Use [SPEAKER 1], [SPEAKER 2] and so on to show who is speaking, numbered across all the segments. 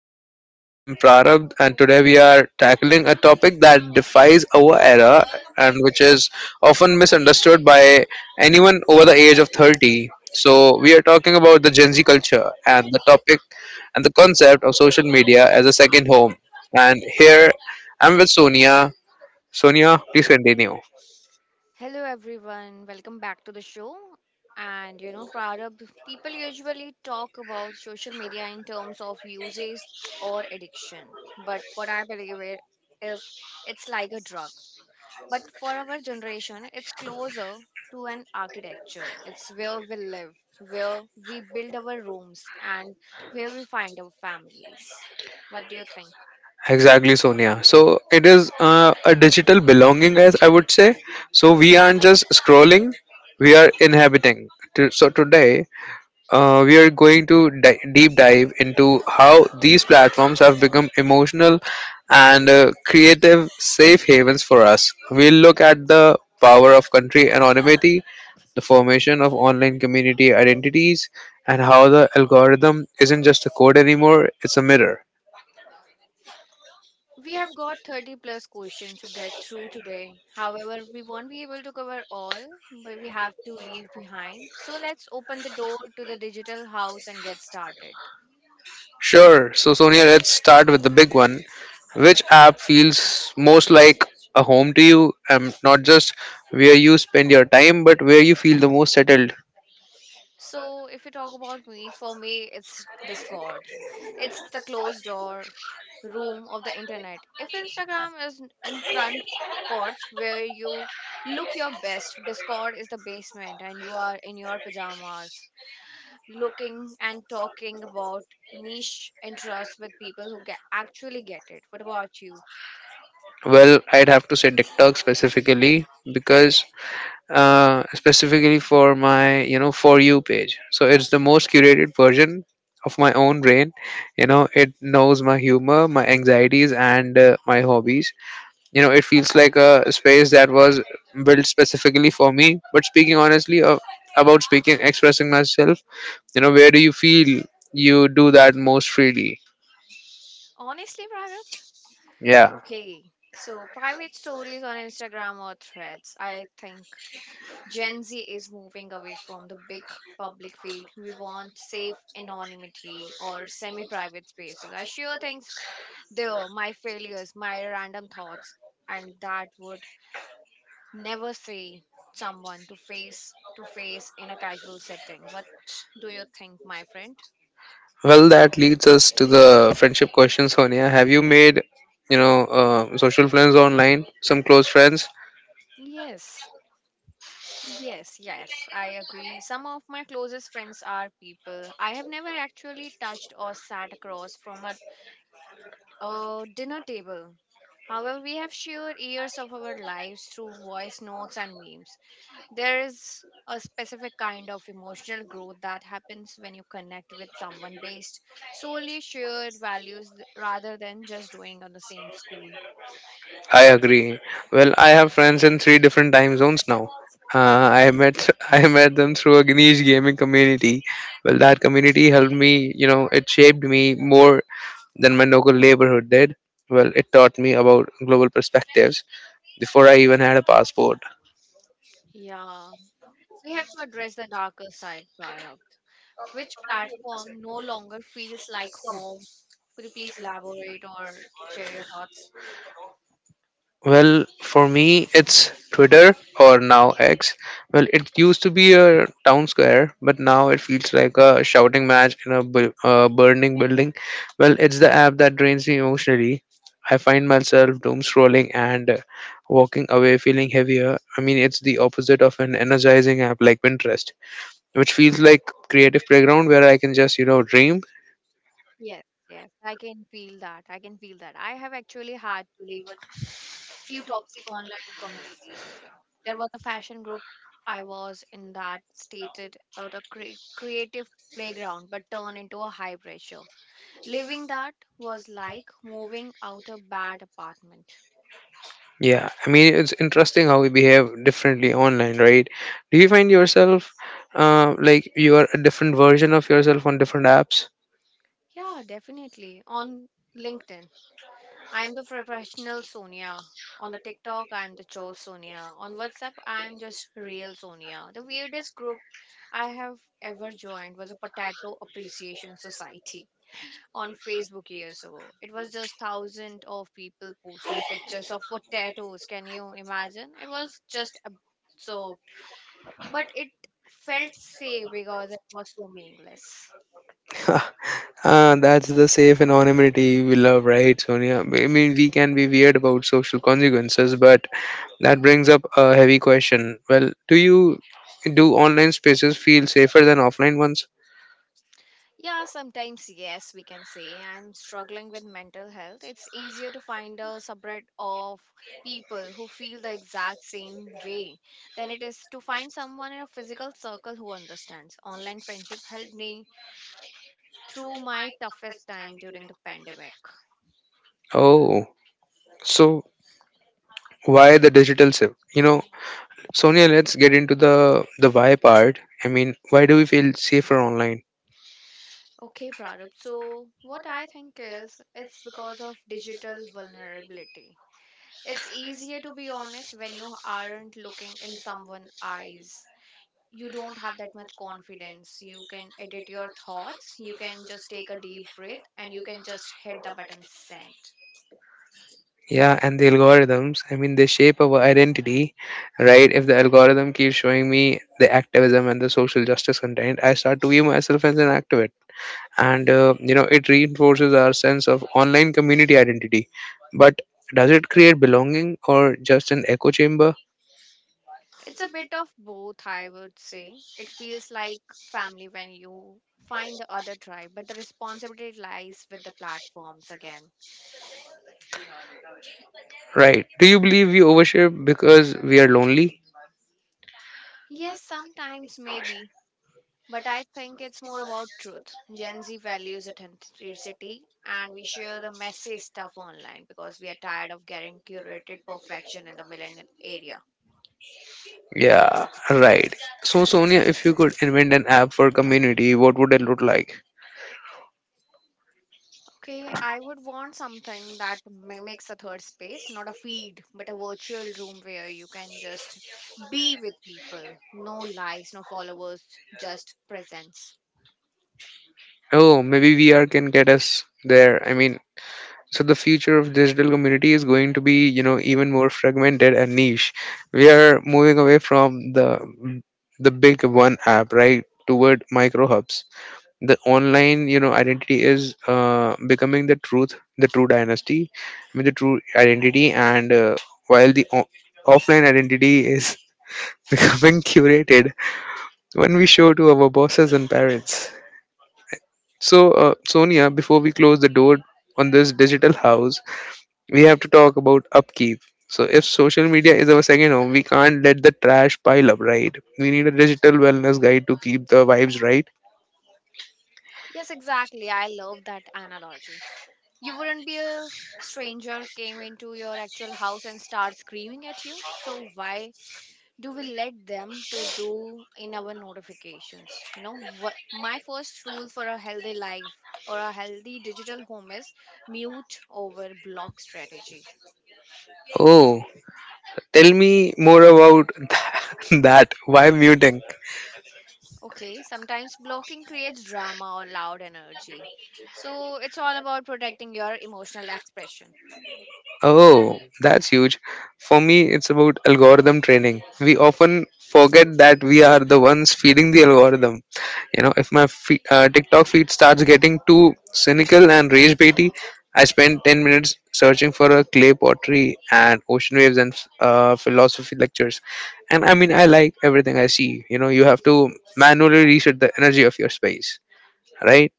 [SPEAKER 1] the show everyone. I'm Prarabh and today we are tackling a topic that defies our era and which is often misunderstood by anyone over the age of 30. So we are talking about the Gen Z culture and the topic and the concept of social media as a second home. And here I'm with Sonia. Sonia, please continue.
[SPEAKER 2] Hello everyone, welcome back to the show. Prarabh, people usually talk about social media in terms of usage or addiction. But what I believe is it's like a drug. But for our generation, it's closer to an architecture. It's where we live, where we build our rooms, and where we find our families. What do you think?
[SPEAKER 1] Exactly, Sonia. So it is a digital belonging, as I would say. So we aren't just scrolling; we are inhabiting. So today, we are going to deep dive into how these platforms have become emotional and creative safe havens for us. We'll look at the power of country anonymity, the formation of online community identities, and how the algorithm isn't just a code anymore; it's a mirror.
[SPEAKER 2] We have got 30 plus questions to get through today. However, we won't be able to cover all, but we have to leave behind. So let's open the door to the digital house and get started.
[SPEAKER 1] Sure. So, Sonia, let's start with the big one. Which app feels most like a home to you? Not just where you spend your time, but where you feel the most settled.
[SPEAKER 2] So, if you talk about me, for me, it's Discord. It's the closed door room of the internet. If Instagram is in front porch where you look your best, Discord is the basement and you are in your pajamas, looking and talking about niche interests with people who actually get it. What about you?
[SPEAKER 1] Well, I'd have to say TikTok specifically because specifically for my for you page. So it's the most curated version of my own brain. You know, it knows my humor, my anxieties, and my hobbies. You know, it feels like a space that was built specifically for me, but speaking honestly, about speaking expressing myself, where do you feel you do that most freely?
[SPEAKER 2] Honestly, Pranath.
[SPEAKER 1] Yeah.
[SPEAKER 2] Okay, so private stories on Instagram or threads. I think Gen Z is moving away from the big public feed. We want safe anonymity or semi private spaces. I share things there, my failures, my random thoughts, and that would never say someone to face in a casual setting. What do you think, my friend?
[SPEAKER 1] Well, that leads us to the friendship question. Sonia, have you made, social friends online, some close friends?
[SPEAKER 2] Yes yes yes, I agree. Some of my closest friends are people I have never actually touched or sat across from a dinner table. However, we have shared years of our lives through voice notes and memes. There is a specific kind of emotional growth that happens when you connect with someone based solely shared values rather than just doing on the same school.
[SPEAKER 1] I agree. Well, I have friends in three different time zones now. Uh, I met I met them through a Ganesh gaming community. Well, that community helped me. You know, it shaped me more than my local neighborhood did. Well, it taught me about global perspectives before I even had a passport.
[SPEAKER 2] Yeah, we have to address the darker side, Prarabdh. Which platform no longer feels like home? Could you please elaborate or share your thoughts?
[SPEAKER 1] Well, for me, it's Twitter or now X. Well, it used to be a town square, but now it feels like a shouting match in a burning building. Well, it's the app that drains me emotionally. I find myself doom scrolling and walking away feeling heavier. I mean, it's the opposite of an energizing app like Pinterest, which feels like creative playground where I can just, you know, dream.
[SPEAKER 2] Yes, yes, I can feel that. I can feel that. I have actually had to leave a few toxic online. There was a fashion group I was in that stated out a creative playground but turned into a high pressure. Living that was like moving out a bad apartment.
[SPEAKER 1] Yeah, I mean it's interesting how we behave differently online, right? Do you find yourself, like you are a different version of yourself on different apps?
[SPEAKER 2] Yeah, definitely. On LinkedIn, I am the professional Sonia. On the TikTok, I am the Cho Sonia. On WhatsApp, I am just real Sonia. The weirdest group I have ever joined was a potato appreciation society on Facebook years ago. It was just thousands of people posting pictures of what tattoos. Can you imagine? It was just absurd, but it felt safe because it was so meaningless.
[SPEAKER 1] Ah, that's the safe anonymity we love, right, Sonia? I mean, we can be weird about social consequences, but that brings up a heavy question. Well, do online spaces feel safer than offline ones?
[SPEAKER 2] Yeah, sometimes yes, we can say I'm struggling with mental health. It's easier to find a subreddit of people who feel the exact same way than it is to find someone in a physical circle who understands. Online friendship helped me through my toughest time during the pandemic.
[SPEAKER 1] Oh, so why the digital shift? You know, Sonia, let's get into the why part. I mean, why do we feel safer online?
[SPEAKER 2] Okay, Prarup. So, what I think is it's because of digital vulnerability. It's easier to be honest when you aren't looking in someone's eyes. You don't have that much confidence. You can edit your thoughts, you can just take a deep breath, and you can just hit the button send.
[SPEAKER 1] Yeah, and the algorithms. I mean, they shape our identity, right? If the algorithm keeps showing me the activism and the social justice content, I start to view myself as an activist, and you know, it reinforces our sense of online community identity. But does it create belonging or just an echo chamber?
[SPEAKER 2] It's a bit of both, I would say. It feels like family when you find the other tribe, but the responsibility lies with the platforms again.
[SPEAKER 1] Right? Do you believe we overshare because we are lonely?
[SPEAKER 2] Yes, sometimes maybe, but I think it's more about truth. Gen Z values authenticity, and we share the messy stuff online because we are tired of getting curated perfection in the millennial area.
[SPEAKER 1] Yeah, right. So Sonia, if you could invent an app for community, what would it look like?
[SPEAKER 2] Okay, I would want something that mimics a third space, not a feed, but a virtual room where you can just be with people. No likes, no followers, just presence.
[SPEAKER 1] Oh, maybe VR can get us there. I mean, so the future of digital community is going to be, you know, even more fragmented and niche. We are moving away from the big one app, right, toward micro hubs. The online, you know, identity is becoming the truth, the true dynasty, I mean, the true identity, and while the offline identity is becoming curated when we show to our bosses and parents. So, Sonia, before we close the door on this digital house, we have to talk about upkeep. So, if social media is our second home, we can't let the trash pile up, right? We need a digital wellness guide to keep the vibes right.
[SPEAKER 2] Yes, exactly. I love that analogy. You wouldn't be a stranger came into your actual house and start screaming at you. So why do we let them to do in our notifications? You know what, my first rule for a healthy life or a healthy digital home is mute over block strategy.
[SPEAKER 1] Oh, tell me more about that. Why muting?
[SPEAKER 2] Okay, sometimes blocking creates drama or loud energy, so it's all about protecting your emotional expression.
[SPEAKER 1] Oh, that's huge. For me, it's about algorithm training. We often forget that we are the ones feeding the algorithm. You know, if my TikTok feed starts getting too cynical and rage baity, I spend 10 minutes searching for a clay pottery and ocean waves and philosophy lectures. And I mean, I like everything I see. You know, you have to manually reset the energy of your space, right?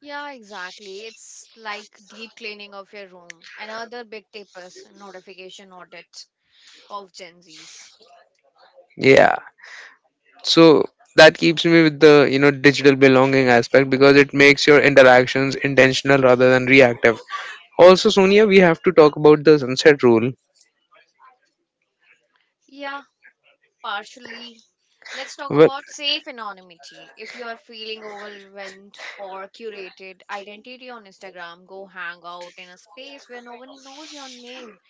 [SPEAKER 2] Yeah, exactly. It's like deep cleaning of your room. Another big tip is notification audit of Gen Z's.
[SPEAKER 1] Yeah. So that keeps me with the, you know, digital belonging aspect because it makes your interactions intentional rather than reactive. Also, Sonia, we have to talk about the sunset rule.
[SPEAKER 2] Yeah, partially. Let's talk
[SPEAKER 1] Well,
[SPEAKER 2] about safe anonymity. If you are feeling overwhelmed or curated identity on Instagram, go hang out in a space where no one knows your name.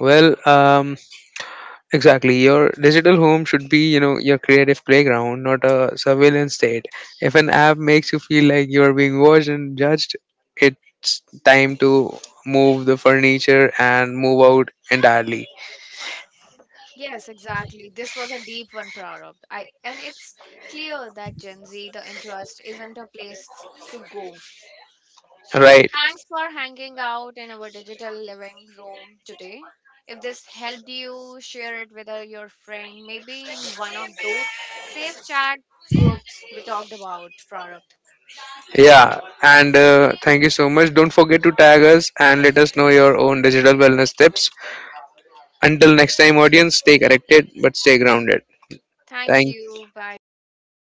[SPEAKER 1] well, exactly. Your digital home should be, you know, your creative playground, not a surveillance state. If an app makes you feel like you're being watched and judged, it's time to move the furniture and move out entirely.
[SPEAKER 2] Yes, exactly. This was a deep one, Prarabdh. I and it's clear that Gen Z, the interest isn't a place to go. So,
[SPEAKER 1] Right.
[SPEAKER 2] thanks for hanging out in our digital living room today. If this helped you, share it with your friend, maybe in one of those safe chat groups we talked about, Product.
[SPEAKER 1] Yeah, and thank you so much. Don't forget to tag us and let us know your own digital wellness tips. Until next time, audience, stay connected but stay grounded.
[SPEAKER 2] Thank you. Bye bye.